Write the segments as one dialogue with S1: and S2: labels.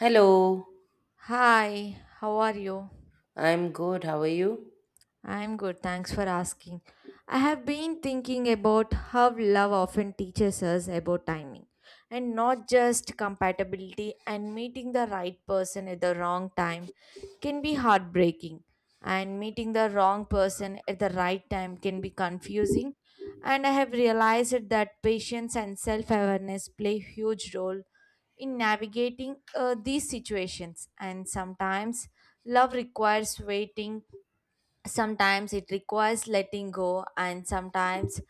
S1: Hello,
S2: Hi, how are you?
S1: I'm good. How are you?
S2: I'm good, thanks for asking. I have been thinking about how love often teaches us about timing and not just compatibility. And meeting the right person at the wrong time can be heartbreaking, and meeting the wrong person at the right time can be confusing. And I have realized that patience and self awareness play huge role in navigating these situations. And sometimes love requires waiting, sometimes it requires letting go, and sometimes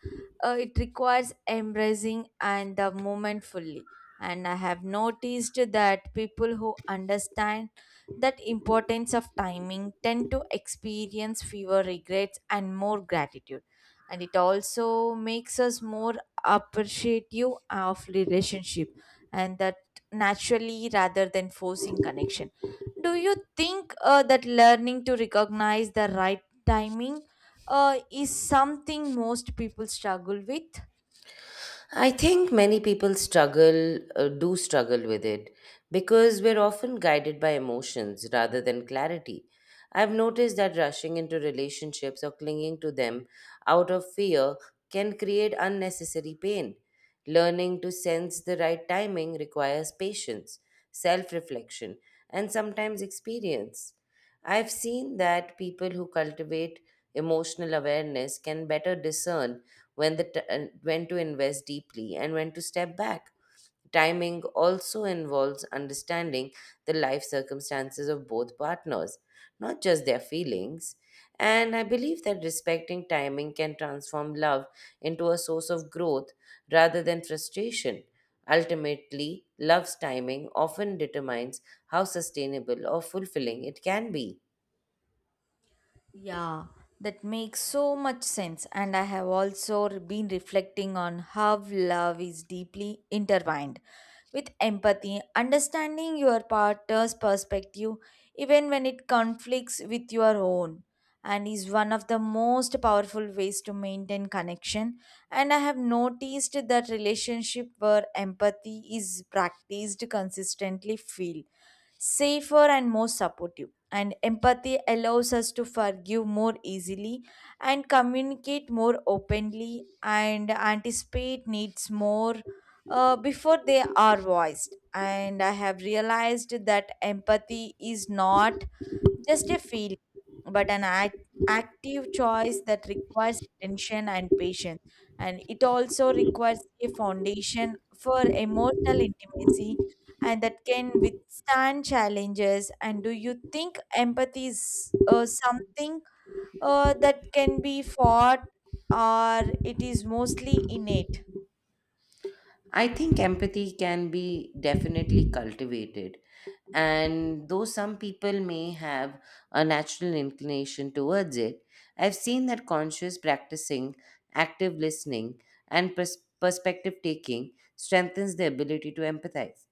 S2: it requires embracing and the moment fully. And I have noticed that people who understand that importance of timing tend to experience fewer regrets and more gratitude, and it also makes us more appreciative of relationship and that naturally rather than forcing connection. Do you think that learning to recognize the right timing is something most people struggle with?
S1: I think many people struggle, do struggle with it because we're often guided by emotions rather than clarity. I've noticed that rushing into relationships or clinging to them out of fear can create unnecessary pain. Learning to sense the right timing requires patience, self reflection, and sometimes experience. I've seen that people who cultivate emotional awareness can better discern when to invest deeply and when to step back. Timing also involves understanding the life circumstances of both partners, not just their feelings. And I believe that respecting timing can transform love into a source of growth rather than frustration. Ultimately, love's timing often determines how sustainable or fulfilling it can be.
S2: Yeah, that makes so much sense. And I have also been reflecting on how love is deeply intertwined with empathy. Understanding your partner's perspective, even when it conflicts with your own, and is one of the most powerful ways to maintain connection. And I have noticed that relationship where empathy is practiced consistently feel safer and more supportive, and empathy allows us to forgive more easily and communicate more openly and anticipate needs more before they are voiced. And I have realized that empathy is not just a feeling, but an act, active choice that requires attention and patience. And it also requires a foundation for emotional intimacy and that can withstand challenges. And do you think empathy is something that can be fought, or it is mostly innate?
S1: I think empathy can be definitely cultivated. And though some people may have a natural inclination towards it, I've seen that conscious practicing, active listening, and perspective taking strengthens the ability to empathize.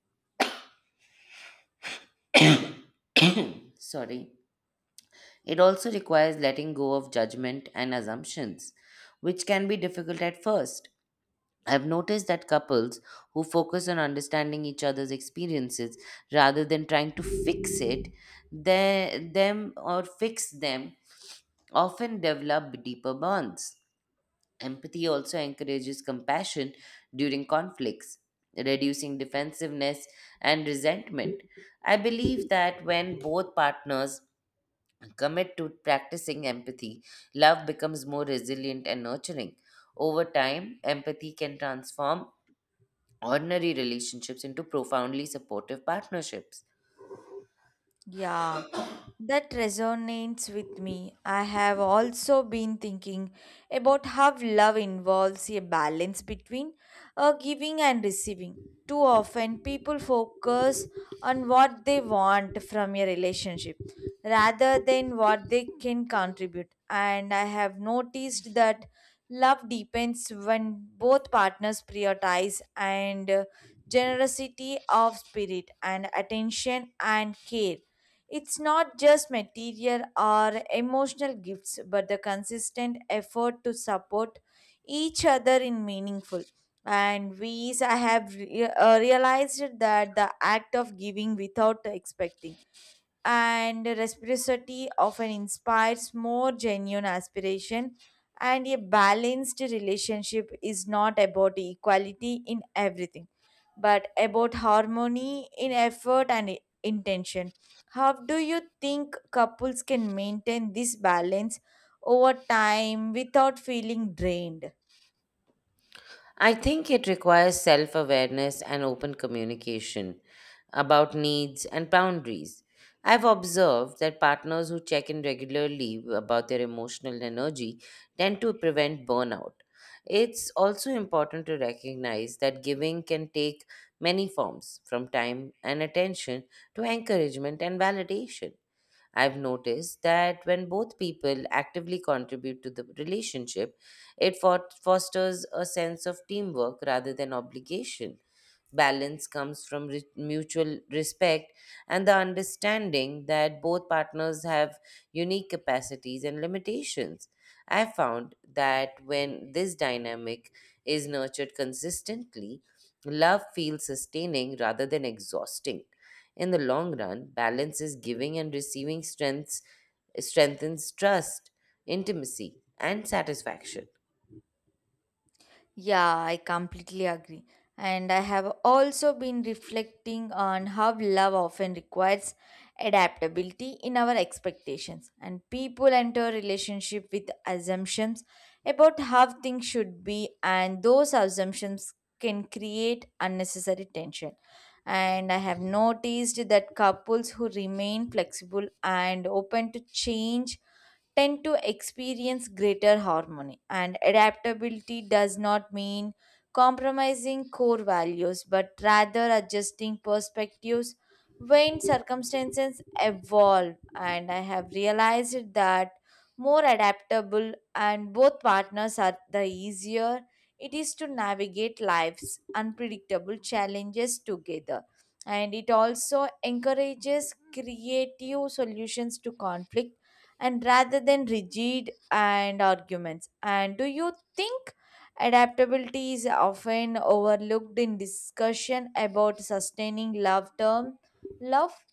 S1: Sorry. It also requires letting go of judgment and assumptions, which can be difficult at first. I've noticed that couples who focus on understanding each other's experiences rather than trying to fix it, they, them or fix them, often develop deeper bonds. Empathy also encourages compassion during conflicts, reducing defensiveness and resentment. I believe that when both partners commit to practicing empathy, love becomes more resilient and nurturing. Over time, empathy can transform ordinary relationships into profoundly supportive partnerships.
S2: Yeah, that resonates with me. I have also been thinking about how love involves a balance between giving and receiving. Too often, people focus on what they want from a relationship rather than what they can contribute. And I have noticed that love deepens when both partners prioritize and generosity of spirit and attention and care. It's not just material or emotional gifts, but the consistent effort to support each other in meaningful. And we I have re- realized that the act of giving without expecting and reciprocity often inspires more genuine aspiration, and a balanced relationship is not about equality in everything but about harmony in effort and intention. How do you think couples can maintain this balance over time without feeling drained?
S1: I think it requires self awareness and open communication about needs and boundaries. I've observed that partners who check in regularly about their emotional energy tend to prevent burnout. It's also important to recognize that giving can take many forms, from time and attention to encouragement and validation. I've noticed that when both people actively contribute to the relationship, it fosters a sense of teamwork rather than obligation. Balance comes from re- Mutual respect and the understanding that both partners have unique capacities and limitations. I found that when this dynamic is nurtured consistently, love feels sustaining rather than exhausting. In the long run, balance is giving and receiving strengths strengthens trust, intimacy, and satisfaction.
S2: Yeah, I completely agree. And I have also been reflecting on how love often requires adaptability in our expectations. And people enter a relationship with assumptions about how things should be, and those assumptions can create unnecessary tension. And I have noticed that couples who remain flexible and open to change tend to experience greater harmony. And adaptability does not mean compromising core values, but rather adjusting perspectives when circumstances evolve. And I have realized that more adaptable and both partners are the easier it is to navigate life's unpredictable challenges together, and it also encourages creative solutions to conflict and rather than rigid and arguments. And do you think adaptability is often overlooked in discussion about sustaining love term love?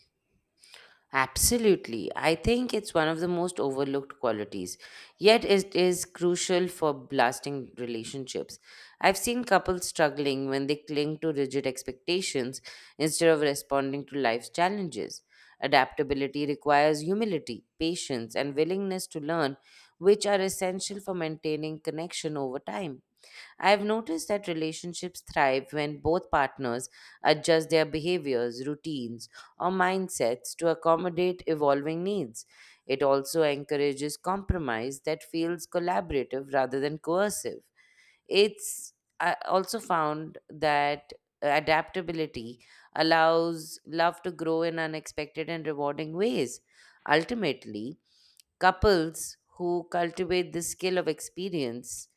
S1: Absolutely. I think it's one of the most overlooked qualities, yet, it is crucial for lasting relationships. I've seen couples struggling when they cling to rigid expectations instead of responding to life's challenges. Adaptability requires humility, patience, and willingness to learn, which are essential for maintaining connection over time. I've noticed that relationships thrive when both partners adjust their behaviors, routines, or mindsets to accommodate evolving needs. It also encourages compromise that feels collaborative rather than coercive. It's I also found that adaptability allows love to grow in unexpected and rewarding ways. Ultimately, couples who cultivate the skill of experience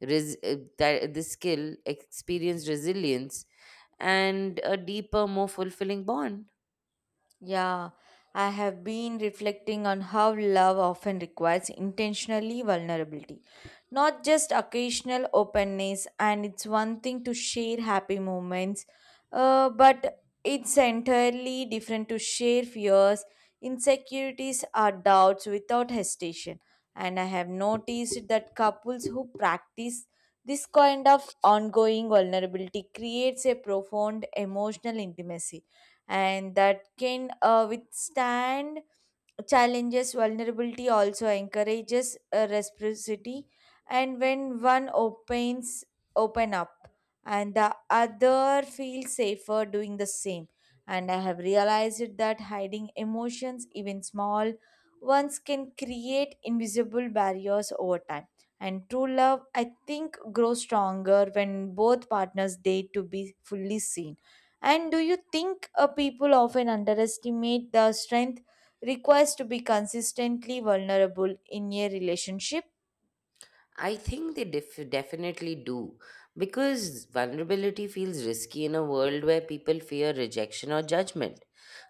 S1: res- that this skill experience resilience and a deeper more fulfilling bond.
S2: Yeah, I have been reflecting on how love often requires intentionally vulnerability, not just occasional openness. And it's one thing to share happy moments, but it's entirely different to share fears, insecurities, or doubts without hesitation. And I have noticed that couples who practice this kind of ongoing vulnerability creates a profound emotional intimacy and that can withstand challenges. Vulnerability also encourages reciprocity, and when one opens open up and the other feels safer doing the same. And I have realized that hiding emotions, even small ones, can create invisible barriers over time, and true love I think grows stronger when both partners dare to be fully seen. And do you think people often underestimate the strength requires to be consistently vulnerable in a relationship?
S1: I think they definitely do because vulnerability feels risky in a world where people fear rejection or judgment.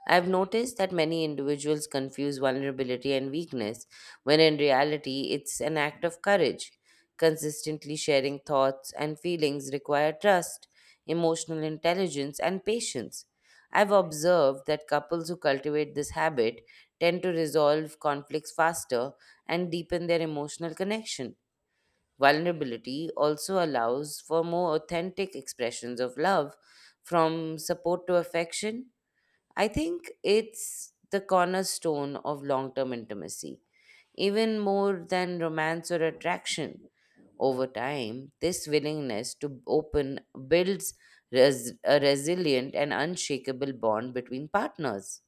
S1: I've noticed that many individuals confuse vulnerability and weakness, when in reality, it's an act of courage. Consistently sharing thoughts and feelings require trust, emotional intelligence, and patience. I've observed that couples who cultivate this habit tend to resolve conflicts faster and deepen their emotional connection. Vulnerability also allows for more authentic expressions of love, from support to affection. I think it's the cornerstone of long term intimacy. Even more than romance or attraction, over time, this willingness to open builds a resilient and unshakable bond between partners.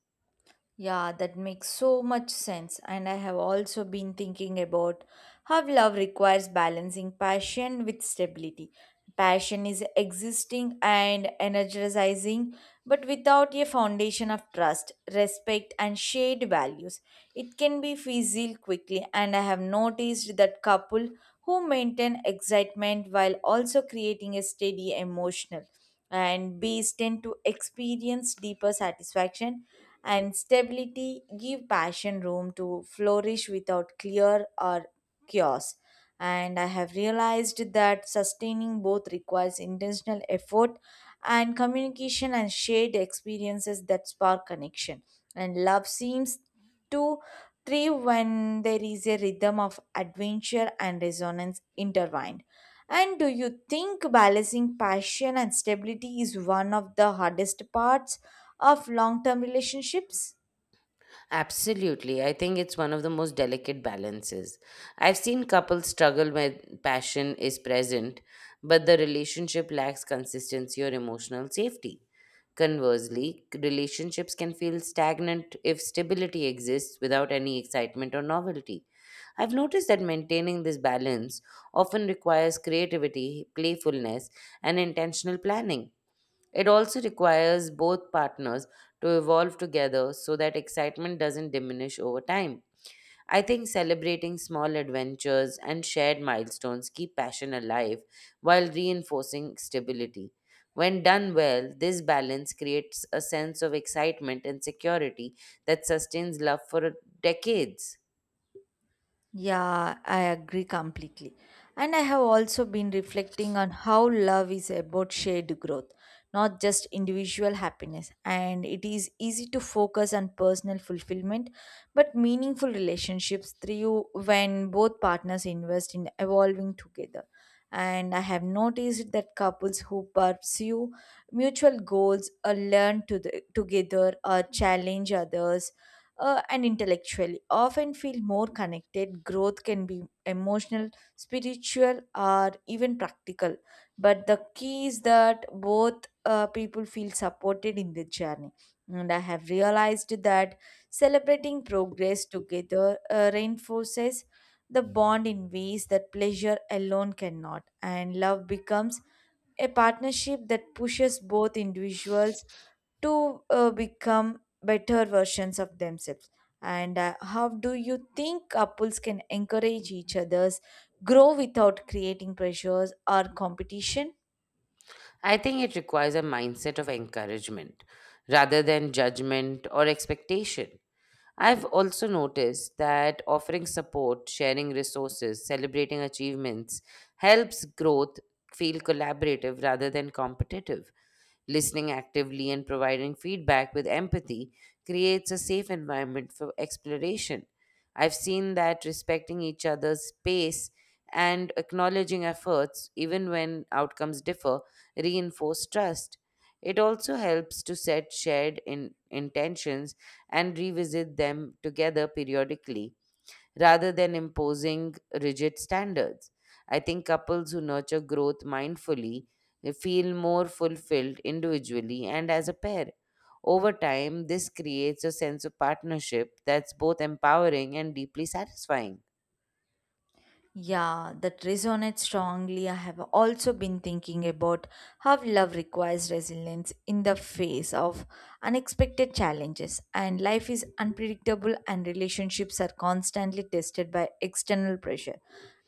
S2: Yeah, that makes so much sense. And I have also been thinking about how love requires balancing passion with stability. Passion is existing and energizing, but without a foundation of trust, respect, and shared values, it can be fizzled quickly. And I have noticed that couple who maintain excitement while also creating a steady emotional and base tend to experience deeper satisfaction, and stability give passion room to flourish without clear or chaos. And I have realized that sustaining both requires intentional effort and communication and shared experiences that spark connection, and love seems to thrive when there is a rhythm of adventure and resonance intertwined. And do you think balancing passion and stability is one of the hardest parts of long term relationships?
S1: Absolutely. I think it's one of the most delicate balances. I've seen couples struggle when passion is present, but the relationship lacks consistency or emotional safety. Conversely, relationships can feel stagnant if stability exists without any excitement or novelty. I've noticed that maintaining this balance often requires creativity, playfulness, and intentional planning. It also requires both partners to evolve together so that excitement doesn't diminish over time. I think celebrating small adventures and shared milestones keep passion alive while reinforcing stability. When done well, this balance creates a sense of excitement and security that sustains love for decades.
S2: Yeah, I agree completely. And I have also been reflecting on how love is about shared growth, not just individual happiness. And it is easy to focus on personal fulfillment, but meaningful relationships through when both partners invest in evolving together. And I have noticed that couples who pursue mutual goals or learn to the, together or challenge others and intellectually often feel more connected. Growth can be emotional, spiritual, or even practical, but the key is that both people feel supported in the journey. And I have realized that celebrating progress together reinforces the bond in ways that pleasure alone cannot, and love becomes a partnership that pushes both individuals to become better versions of themselves. And how do you think couples can encourage each other's grow without creating pressures or competition?
S1: I think it requires a mindset of encouragement rather than judgment or expectation. I've also noticed that offering support, sharing resources, celebrating achievements helps growth feel collaborative rather than competitive. Listening actively and providing feedback with empathy creates a safe environment for exploration. I've seen that respecting each other's space and acknowledging efforts, even when outcomes differ, reinforce trust. It also helps to set shared intentions and revisit them together periodically rather than imposing rigid standards. I think couples who nurture growth mindfully, they feel more fulfilled individually and as a pair. Over time, this creates a sense of partnership that's both empowering and deeply satisfying.
S2: Yeah, that resonates strongly. I have also been thinking about how love requires resilience in the face of unexpected challenges. And life is unpredictable, and relationships are constantly tested by external pressure,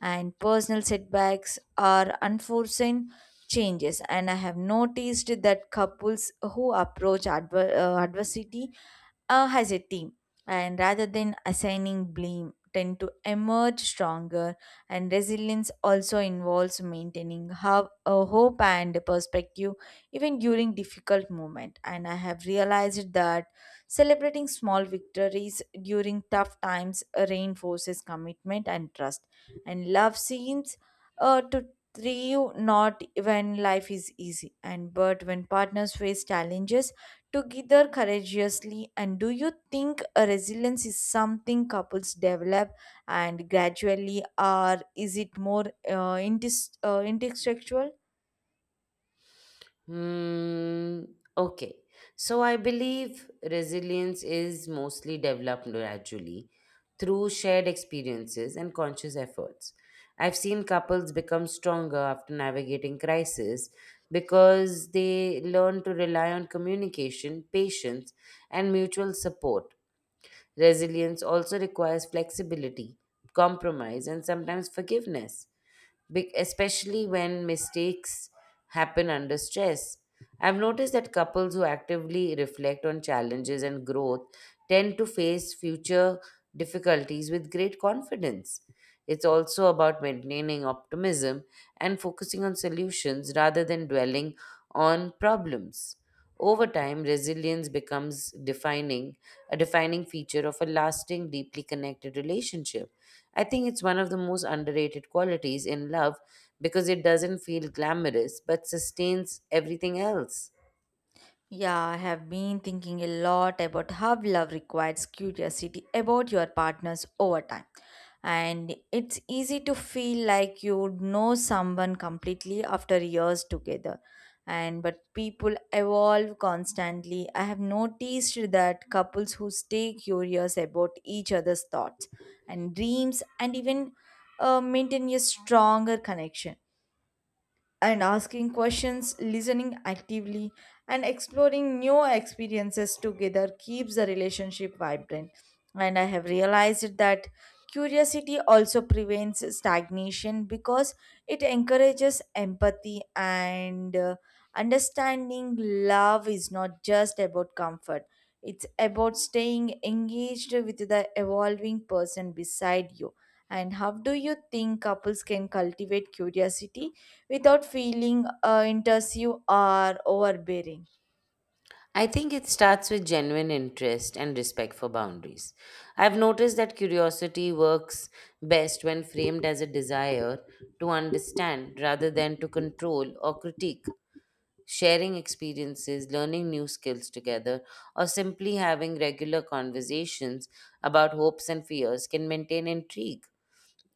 S2: and personal setbacks are unforeseen changes. And I have noticed that couples who approach adversity as a team and rather than assigning blame tend to emerge stronger, and resilience also involves maintaining how, a hope and perspective even during difficult moment. And I have realized that celebrating small victories during tough times reinforces commitment and trust, and love seems to thrive not when life is easy and but when partners face challenges together courageously. And do you think a resilience is something couples develop and gradually, or is it more instinctual?
S1: Hmm. Okay. So I believe resilience is mostly developed gradually through shared experiences and conscious efforts. I've seen couples become stronger after navigating crisis because they learn to rely on communication, patience, and mutual support. Resilience also requires flexibility, compromise, and sometimes forgiveness. Especially when mistakes happen under stress. I've noticed that couples who actively reflect on challenges and growth tend to face future difficulties with great confidence. It's also about maintaining optimism and focusing on solutions rather than dwelling on problems. Over time, resilience becomes defining a defining feature of a lasting, deeply connected relationship. I think it's one of the most underrated qualities in love because it doesn't feel glamorous but sustains everything else.
S2: Yeah, I have been thinking a lot about how love requires curiosity about your partners over time. And it's easy to feel like you know someone completely after years together. And but people evolve constantly. I have noticed that couples who stay curious about each other's thoughts and dreams and even maintain a stronger connection, and asking questions, listening actively, and exploring new experiences together keeps the relationship vibrant. And I have realized that curiosity also prevents stagnation because it encourages empathy and understanding. Love is not just about comfort, it's about staying engaged with the evolving person beside you. And how do you think couples can cultivate curiosity without feeling intrusive or overbearing?
S1: I think it starts with genuine interest and respect for boundaries. I've noticed that curiosity works best when framed as a desire to understand rather than to control or critique. Sharing experiences, learning new skills together, or simply having regular conversations about hopes and fears can maintain intrigue.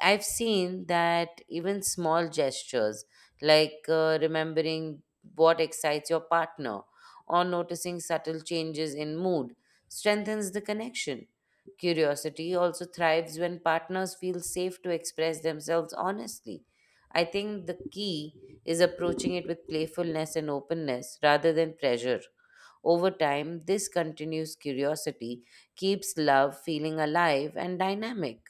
S1: I've seen that even small gestures, like remembering what excites your partner or noticing subtle changes in mood, strengthens the connection. Curiosity also thrives when partners feel safe to express themselves honestly. I think the key is approaching it with playfulness and openness rather than pressure. Over time, this continuous curiosity keeps love feeling alive and dynamic.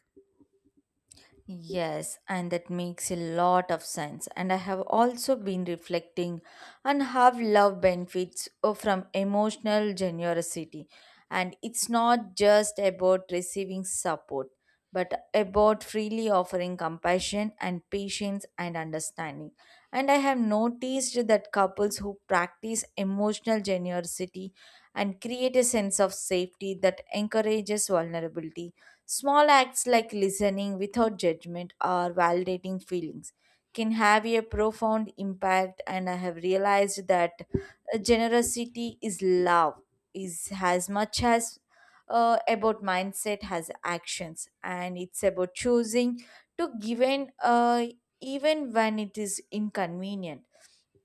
S2: Yes, and that makes a lot of sense. And I have also been reflecting on how love benefits from emotional generosity. And it's not just about receiving support, but about freely offering compassion and patience and understanding. And I have noticed that couples who practice emotional generosity and create a sense of safety that encourages vulnerability. Small acts like listening without judgment or validating feelings can have a profound impact. And I have realized that generosity is love, is as much as about mindset as actions, and it's about choosing to give in even when it is inconvenient,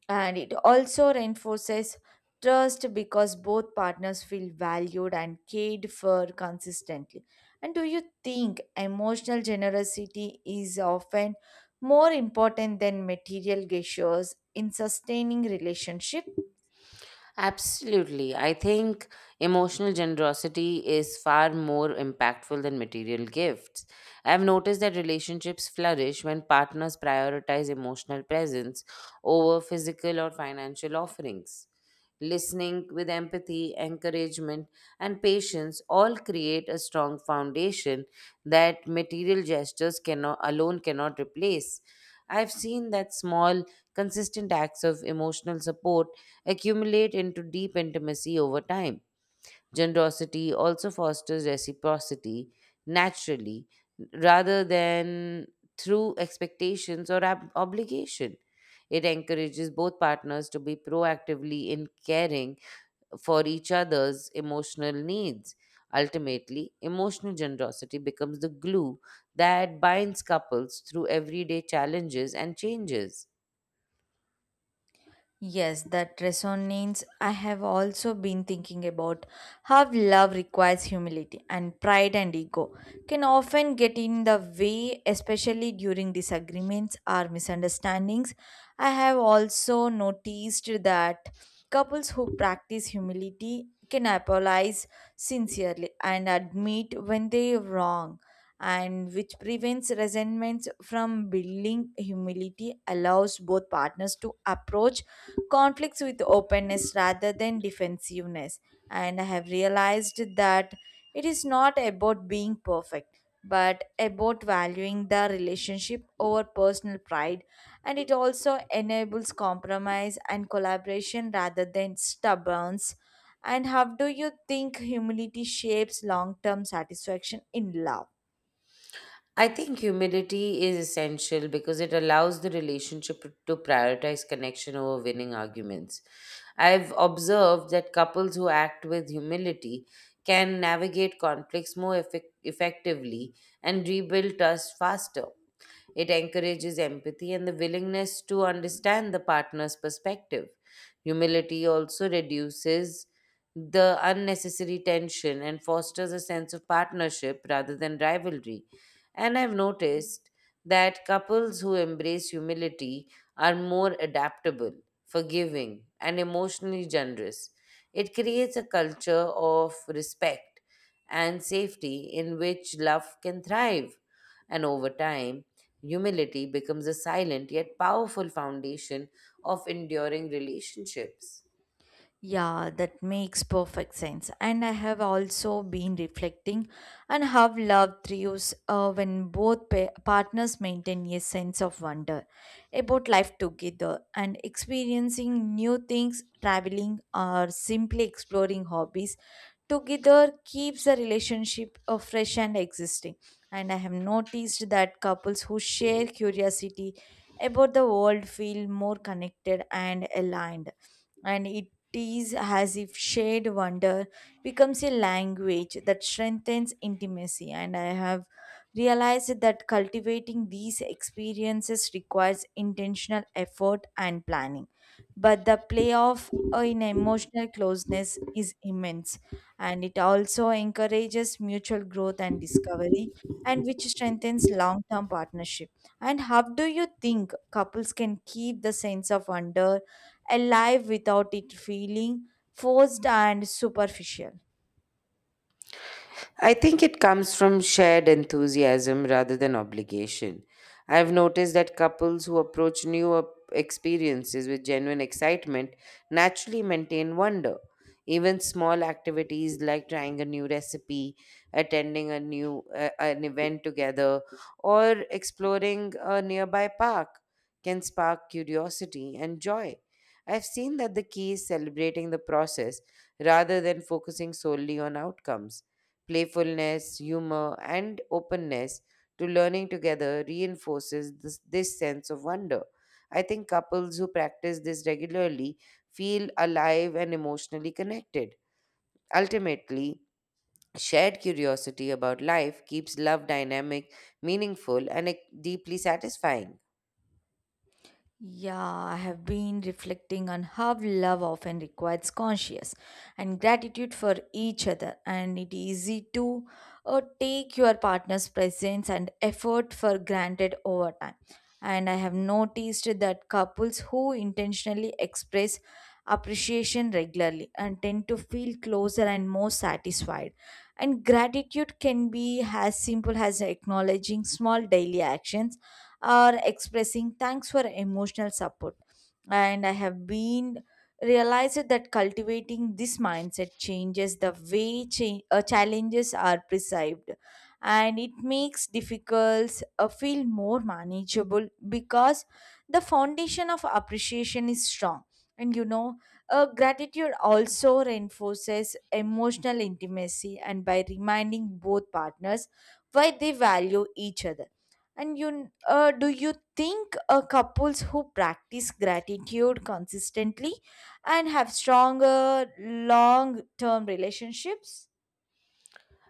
S2: and it also reinforces trust because both partners feel valued and cared for consistently. And do you think emotional generosity is often more important than material gestures in sustaining relationships?
S1: Absolutely. I think emotional generosity is far more impactful than material gifts. I've noticed that relationships flourish when partners prioritize emotional presence over physical or financial offerings. Listening with empathy, encouragement, and patience all create a strong foundation that material gestures cannot alone cannot replace. I've seen that small, consistent acts of emotional support accumulate into deep intimacy over time. Generosity also fosters reciprocity naturally rather than through expectations or obligation. It encourages both partners to be proactively in caring for each other's emotional needs. Ultimately, emotional generosity becomes the glue that binds couples through everyday challenges and changes.
S2: Yes, that resonates. I have also been thinking about how love requires humility and pride and ego can often get in the way, especially during disagreements or misunderstandings. I have also noticed that couples who practice humility can apologize sincerely and admit when they are wrong, and which prevents resentments from building. Humility allows both partners to approach conflicts with openness rather than defensiveness. And I have realized that it is not about being perfect, but about valuing the relationship over personal pride. And it also enables compromise and collaboration rather than stubbornness. And how do you think humility shapes long term satisfaction in love?
S1: I think humility is essential because it allows the relationship to prioritize connection over winning arguments. I've observed that couples who act with humility can navigate conflicts more effectively and rebuild trust faster. It encourages empathy and the willingness to understand the partner's perspective. Humility also reduces the unnecessary tension and fosters a sense of partnership rather than rivalry. And I've noticed that couples who embrace humility are more adaptable, forgiving, and emotionally generous. It creates a culture of respect and safety in which love can thrive. And over time, humility becomes a silent yet powerful foundation of enduring relationships.
S2: Yeah, that makes perfect sense. And I have also been reflecting and have loved trios when both partners maintain a sense of wonder about life together, and experiencing new things, traveling, or simply exploring hobbies together keeps the relationship fresh and existing. And I have noticed that couples who share curiosity about the world feel more connected and aligned. And it is as if shared wonder becomes a language that strengthens intimacy. And I have realized that cultivating these experiences requires intentional effort and planning. But the payoff in emotional closeness is immense, and it also encourages mutual growth and discovery and which strengthens long-term partnership. And how do you think couples can keep the sense of wonder alive without it feeling forced and superficial?
S1: I think it comes from shared enthusiasm rather than obligation. I've noticed that couples who approach new experiences with genuine excitement naturally maintain wonder. Even small activities like trying a new recipe, attending a new an event together, or exploring a nearby park can spark curiosity and joy. I've seen that the key is celebrating the process rather than focusing solely on outcomes. Playfulness, humor, and openness to learning together reinforces this sense of wonder. I think couples who practice this regularly feel alive and emotionally connected. Ultimately, shared curiosity about life keeps love dynamic, meaningful, and deeply satisfying.
S2: Yeah, I have been reflecting on how love often requires conscious and gratitude for each other, and it is easy to take your partner's presence and effort for granted over time. And I have noticed that couples who intentionally express appreciation regularly and tend to feel closer and more satisfied. And gratitude can be as simple as acknowledging small daily actions or expressing thanks for emotional support. And I have been realized that cultivating this mindset changes the way challenges are perceived, and it makes difficulties feel more manageable because the foundation of appreciation is strong, and you know gratitude also reinforces emotional intimacy and by reminding both partners why they value each other. And you, do you think couples who practice gratitude consistently and have stronger long-term relationships?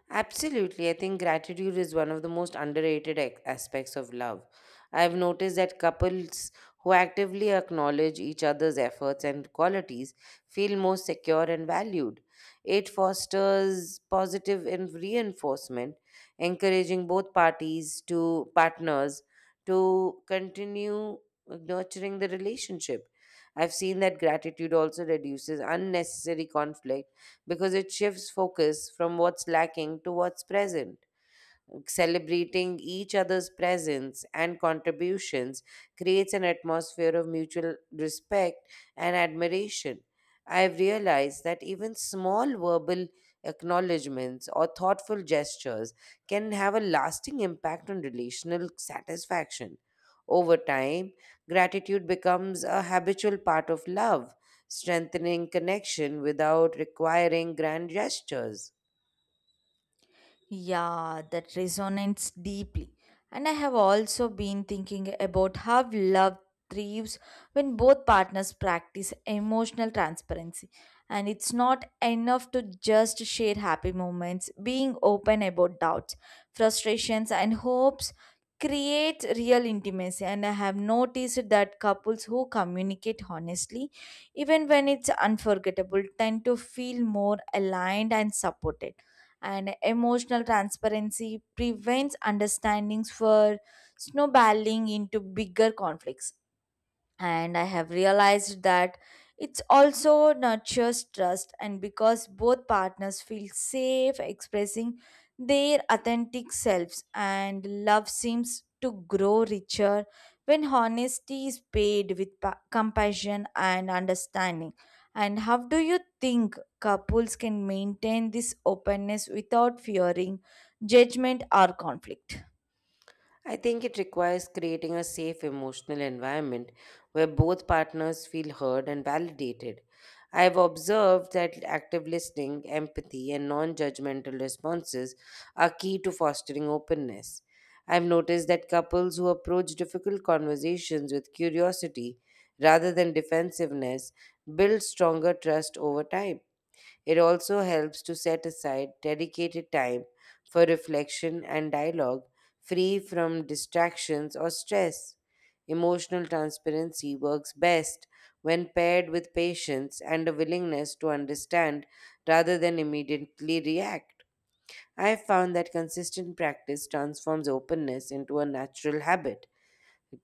S1: Absolutely. I think gratitude is one of the most underrated aspects of love. I've noticed that couples who actively acknowledge each other's efforts and qualities feel more secure and valued. It fosters positive and reinforcement, encouraging both parties to partners to continue nurturing the relationship. I've seen that gratitude also reduces unnecessary conflict because it shifts focus from what's lacking to what's present. Celebrating each other's presence and contributions creates an atmosphere of mutual respect and admiration. I've realized that even small verbal acknowledgements or thoughtful gestures can have a lasting impact on relational satisfaction. Over time, gratitude becomes a habitual part of love, strengthening connection without requiring grand gestures.
S2: Yeah, that resonates deeply. And I have also been thinking about how love thrives when both partners practice emotional transparency. And it's not enough to just share happy moments. Being open about doubts, frustrations, and hopes creates real intimacy, and I have noticed that couples who communicate honestly even when it's unforgettable tend to feel more aligned and supported, and emotional transparency prevents understandings for snowballing into bigger conflicts. And I have realized that it's also nurtures trust and because both partners feel safe expressing their authentic selves, and love seems to grow richer when honesty is paid with compassion and understanding. And how do you think couples can maintain this openness without fearing judgment or conflict?
S1: I think it requires creating a safe emotional environment where both partners feel heard and validated. I have observed that active listening, empathy, and non judgmental responses are key to fostering openness. I've noticed that couples who approach difficult conversations with curiosity rather than defensiveness build stronger trust over time. It also helps to set aside dedicated time for reflection and dialogue, free from distractions or stress. Emotional transparency works best when paired with patience and a willingness to understand rather than immediately react. I have found that consistent practice transforms openness into a natural habit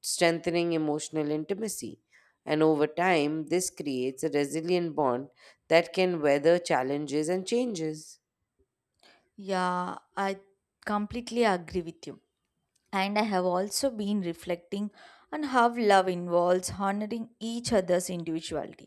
S1: strengthening emotional intimacy. And over time, this creates a resilient bond that can weather challenges and changes.
S2: Yeah, I completely agree with you. And I have also been reflecting on how love involves honoring each other's individuality.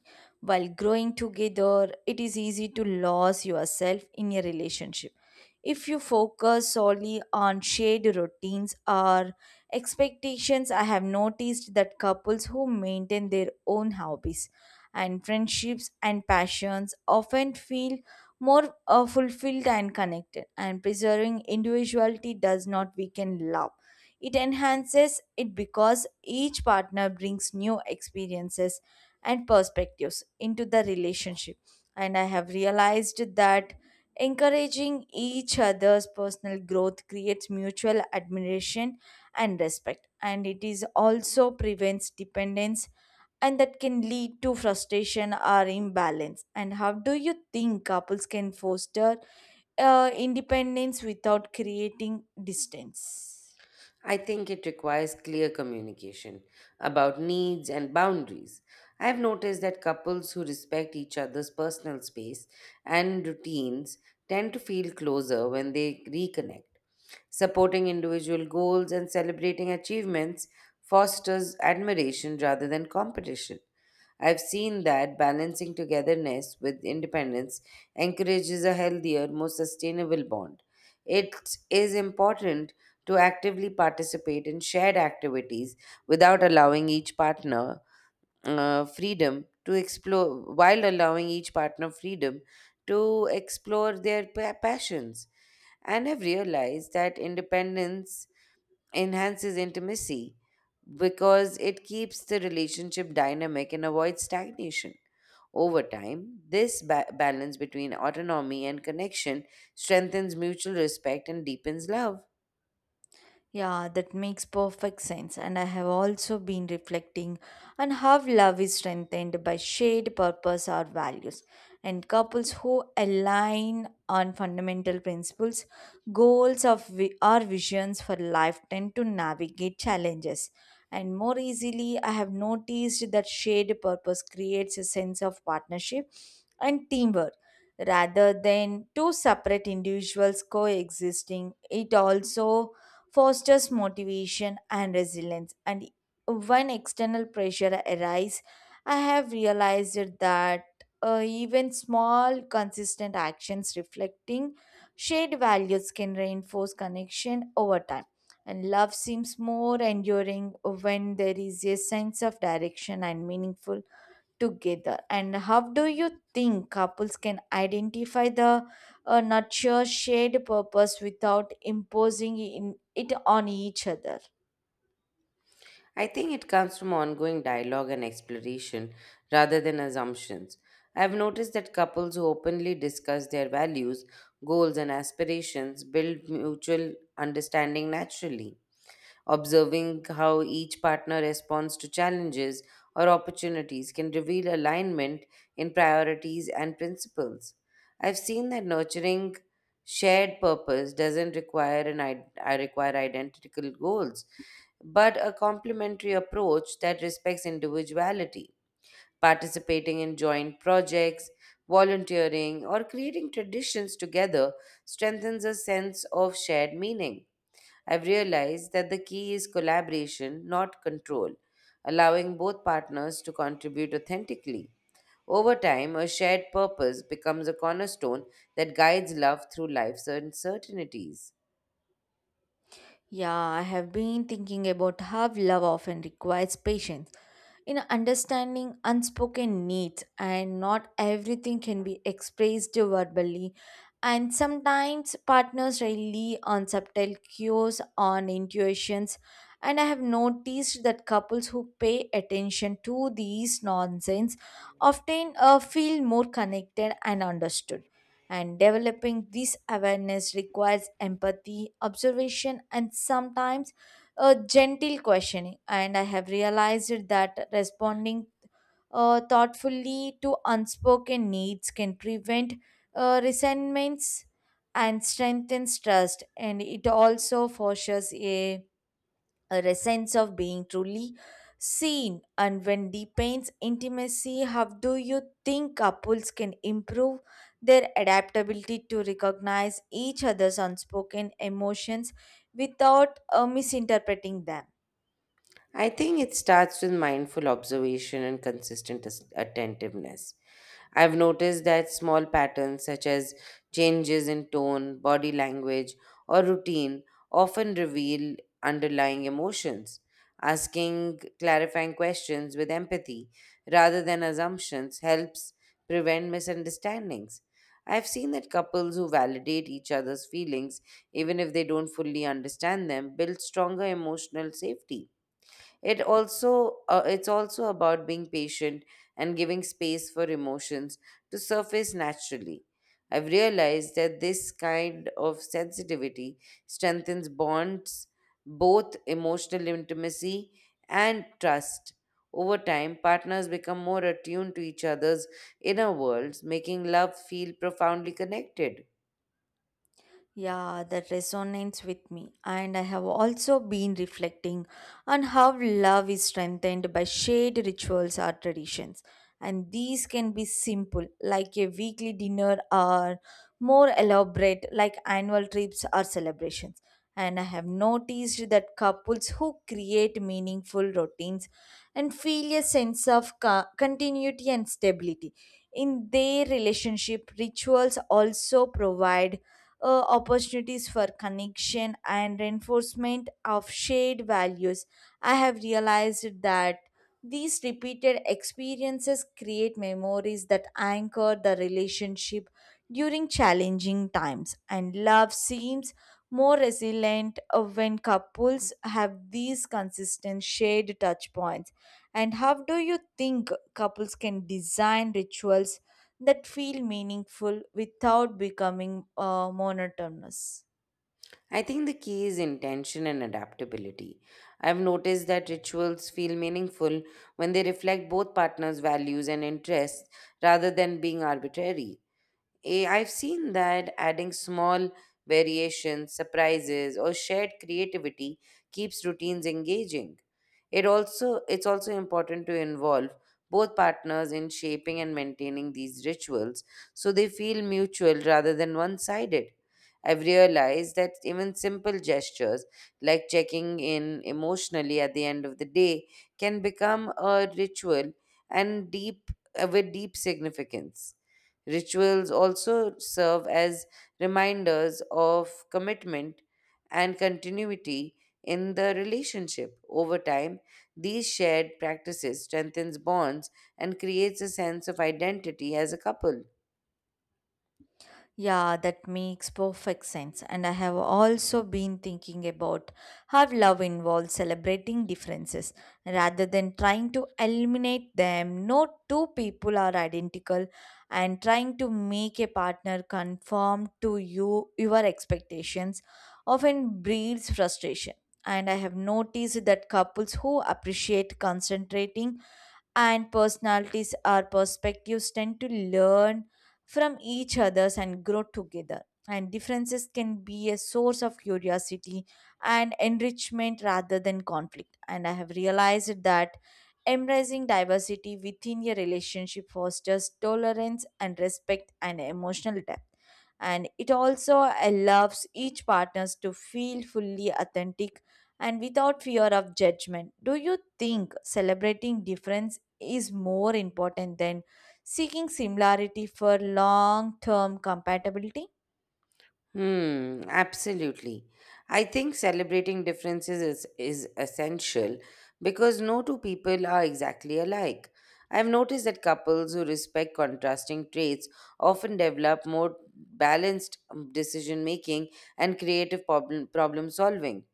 S2: While growing together, it is easy to lose yourself in a relationship. If you focus solely on shared routines or expectations, I have noticed that couples who maintain their own hobbies and friendships and passions often feel more fulfilled and connected, and preserving individuality does not weaken love, it enhances it because each partner brings new experiences and perspectives into the relationship. And I have realized that encouraging each other's personal growth creates mutual admiration and respect. And it is also prevents dependence, and that can lead to frustration or imbalance. And how do you think couples can foster independence without creating distance?
S1: I think it requires clear communication about needs and boundaries. I've noticed that couples who respect each other's personal space and routines tend to feel closer when they reconnect. Supporting individual goals and celebrating achievements fosters admiration rather than competition. I've seen that balancing togetherness with independence encourages a healthier, more sustainable bond. It is important to actively participate in shared activities without allowing each partner while allowing each partner freedom to explore their passions. And I've realized that independence enhances intimacy because it keeps the relationship dynamic and avoids stagnation. Over time, this balance between autonomy and connection strengthens mutual respect and deepens love.
S2: Yeah, that makes perfect sense. And I have also been reflecting on how love is strengthened by shared purpose or values. And couples who align on fundamental principles, goals of or visions for life tend to navigate challenges. And more easily, I have noticed that shared purpose creates a sense of partnership and teamwork rather than two separate individuals coexisting. It also fosters motivation and resilience. And when external pressure arises, I have realized that even small, consistent actions reflecting shared values can reinforce connection over time. And love seems more enduring when there is a sense of direction and meaningful together. And how do you think couples can identify the nurture shared purpose without imposing in, it on each other?
S1: I think it comes from ongoing dialogue and exploration rather than assumptions. I've noticed that couples who openly discuss their values, goals, and aspirations build mutual understanding naturally. Observing how each partner responds to challenges or opportunities can reveal alignment in priorities and principles. I've seen that nurturing shared purpose doesn't require an id- I require identical goals, but a complementary approach that respects individuality. Participating in joint projects, volunteering, or creating traditions together strengthens a sense of shared meaning. I've realized that the key is collaboration, not control, allowing both partners to contribute authentically. Over time, a shared purpose becomes a cornerstone that guides love through life's uncertainties.
S2: Yeah, I have been thinking about how love often requires patience in understanding unspoken needs, and not everything can be expressed verbally. And sometimes partners rely on subtle cues, on intuitions. And I have noticed that couples who pay attention to these nonsense often feel more connected and understood. And developing this awareness requires empathy, observation, and sometimes a gentle questioning. And I have realized that responding thoughtfully to unspoken needs can prevent resentments and strengthens trust. And it also fosters a sense of being truly seen and when deepens intimacy. How do you think couples can improve their adaptability to recognize each other's unspoken emotions without misinterpreting them?
S1: I think it starts with mindful observation and consistent attentiveness. I've noticed that small patterns such as changes in tone, body language, or routine often reveal underlying emotions. Asking clarifying questions with empathy rather than assumptions helps prevent misunderstandings. I've seen that couples who validate each other's feelings, even if they don't fully understand them, build stronger emotional safety. It's also about being patient and giving space for emotions to surface naturally. I've realized that this kind of sensitivity strengthens bonds, both emotional intimacy and trust. Over time, partners become more attuned to each other's inner worlds, making love feel profoundly connected.
S2: Yeah, that resonates with me. And I have also been reflecting on how love is strengthened by shared rituals or traditions. And these can be simple, like a weekly dinner, or more elaborate, like annual trips or celebrations. And I have noticed that couples who create meaningful routines and feel a sense of continuity and stability in their relationship, rituals also provide opportunities for connection and reinforcement of shared values. I have realized that these repeated experiences create memories that anchor the relationship during challenging times, and love seems more resilient when couples have these consistent shared touch points. And how do you think couples can design rituals that feel meaningful without becoming monotonous?
S1: I think the key is intention and adaptability. I've noticed that rituals feel meaningful when they reflect both partners' values and interests rather than being arbitrary. I've seen that adding small variations, surprises, or shared creativity keeps routines engaging. It's also important to involve both partners in shaping and maintaining these rituals so they feel mutual rather than one-sided. I've realized that even simple gestures like checking in emotionally at the end of the day can become a ritual and deep with deep significance. Rituals also serve as reminders of commitment and continuity in the relationship. Over time, these shared practices strengthens bonds and creates a sense of identity as a couple.
S2: Yeah, that makes perfect sense. And I have also been thinking about how love involves celebrating differences rather than trying to eliminate them. No two people are identical, and trying to make a partner conform to you your expectations often breeds frustration. And I have noticed that couples who appreciate concentrating and personalities or perspectives tend to learn from each other's and grow together, and differences can be a source of curiosity and enrichment rather than conflict. And I have realized that embracing diversity within your relationship fosters tolerance and respect and emotional depth, and it also allows each partners to feel fully authentic and without fear of judgment. Do you think celebrating differences is more important than seeking similarity for long term compatibility?
S1: Hmm, absolutely. I think celebrating differences is essential because no two people are exactly alike. I've noticed that couples who respect contrasting traits often develop more balanced decision making and creative problem solving.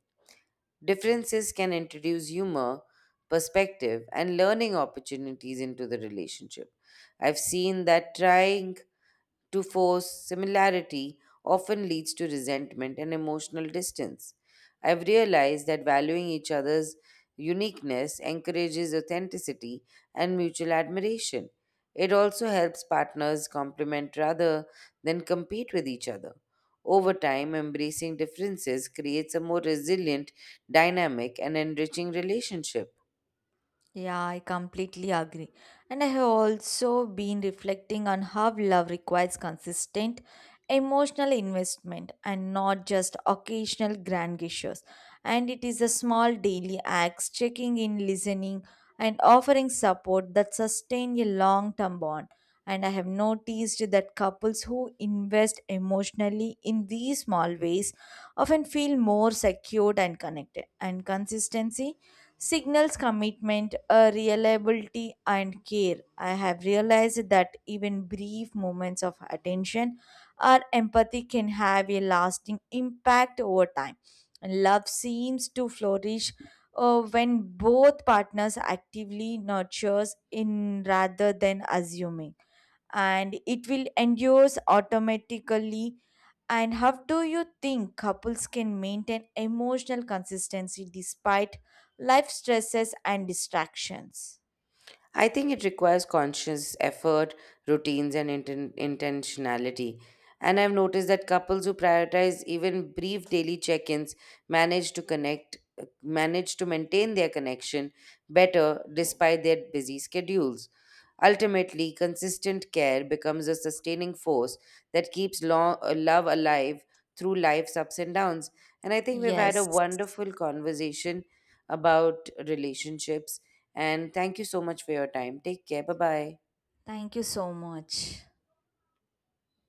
S1: Differences can introduce humor, perspective, and learning opportunities into the relationship. I've seen that trying to force similarity often leads to resentment and emotional distance. I've realized that valuing each other's uniqueness encourages authenticity and mutual admiration. It also helps partners complement rather than compete with each other. Over time, embracing differences creates a more resilient, dynamic, and enriching relationship.
S2: Yeah, I completely agree. And I have also been reflecting on how love requires consistent emotional investment and not just occasional grand gestures. And it is the small daily acts, checking in, listening, and offering support that sustain a long term bond. And I have noticed that couples who invest emotionally in these small ways often feel more secured and connected. And consistency signals commitment, reliability, and care. I have realized that even brief moments of attention or empathy can have a lasting impact over time. And love seems to flourish when both partners actively nurtures in rather than assuming and it will endures automatically. And how do you think couples can maintain emotional consistency despite life stresses and distractions?
S1: I think it requires conscious effort, routines, and intentionality. And I've noticed that couples who prioritize even brief daily check-ins manage to connect, manage to maintain their connection better despite their busy schedules. Ultimately, consistent care becomes a sustaining force that keeps love alive through life's ups and downs. And I think we've had a
S2: Yes.
S1: wonderful conversation about relationships and thank you so much for your time. Take care. Bye bye.
S2: Thank you so much.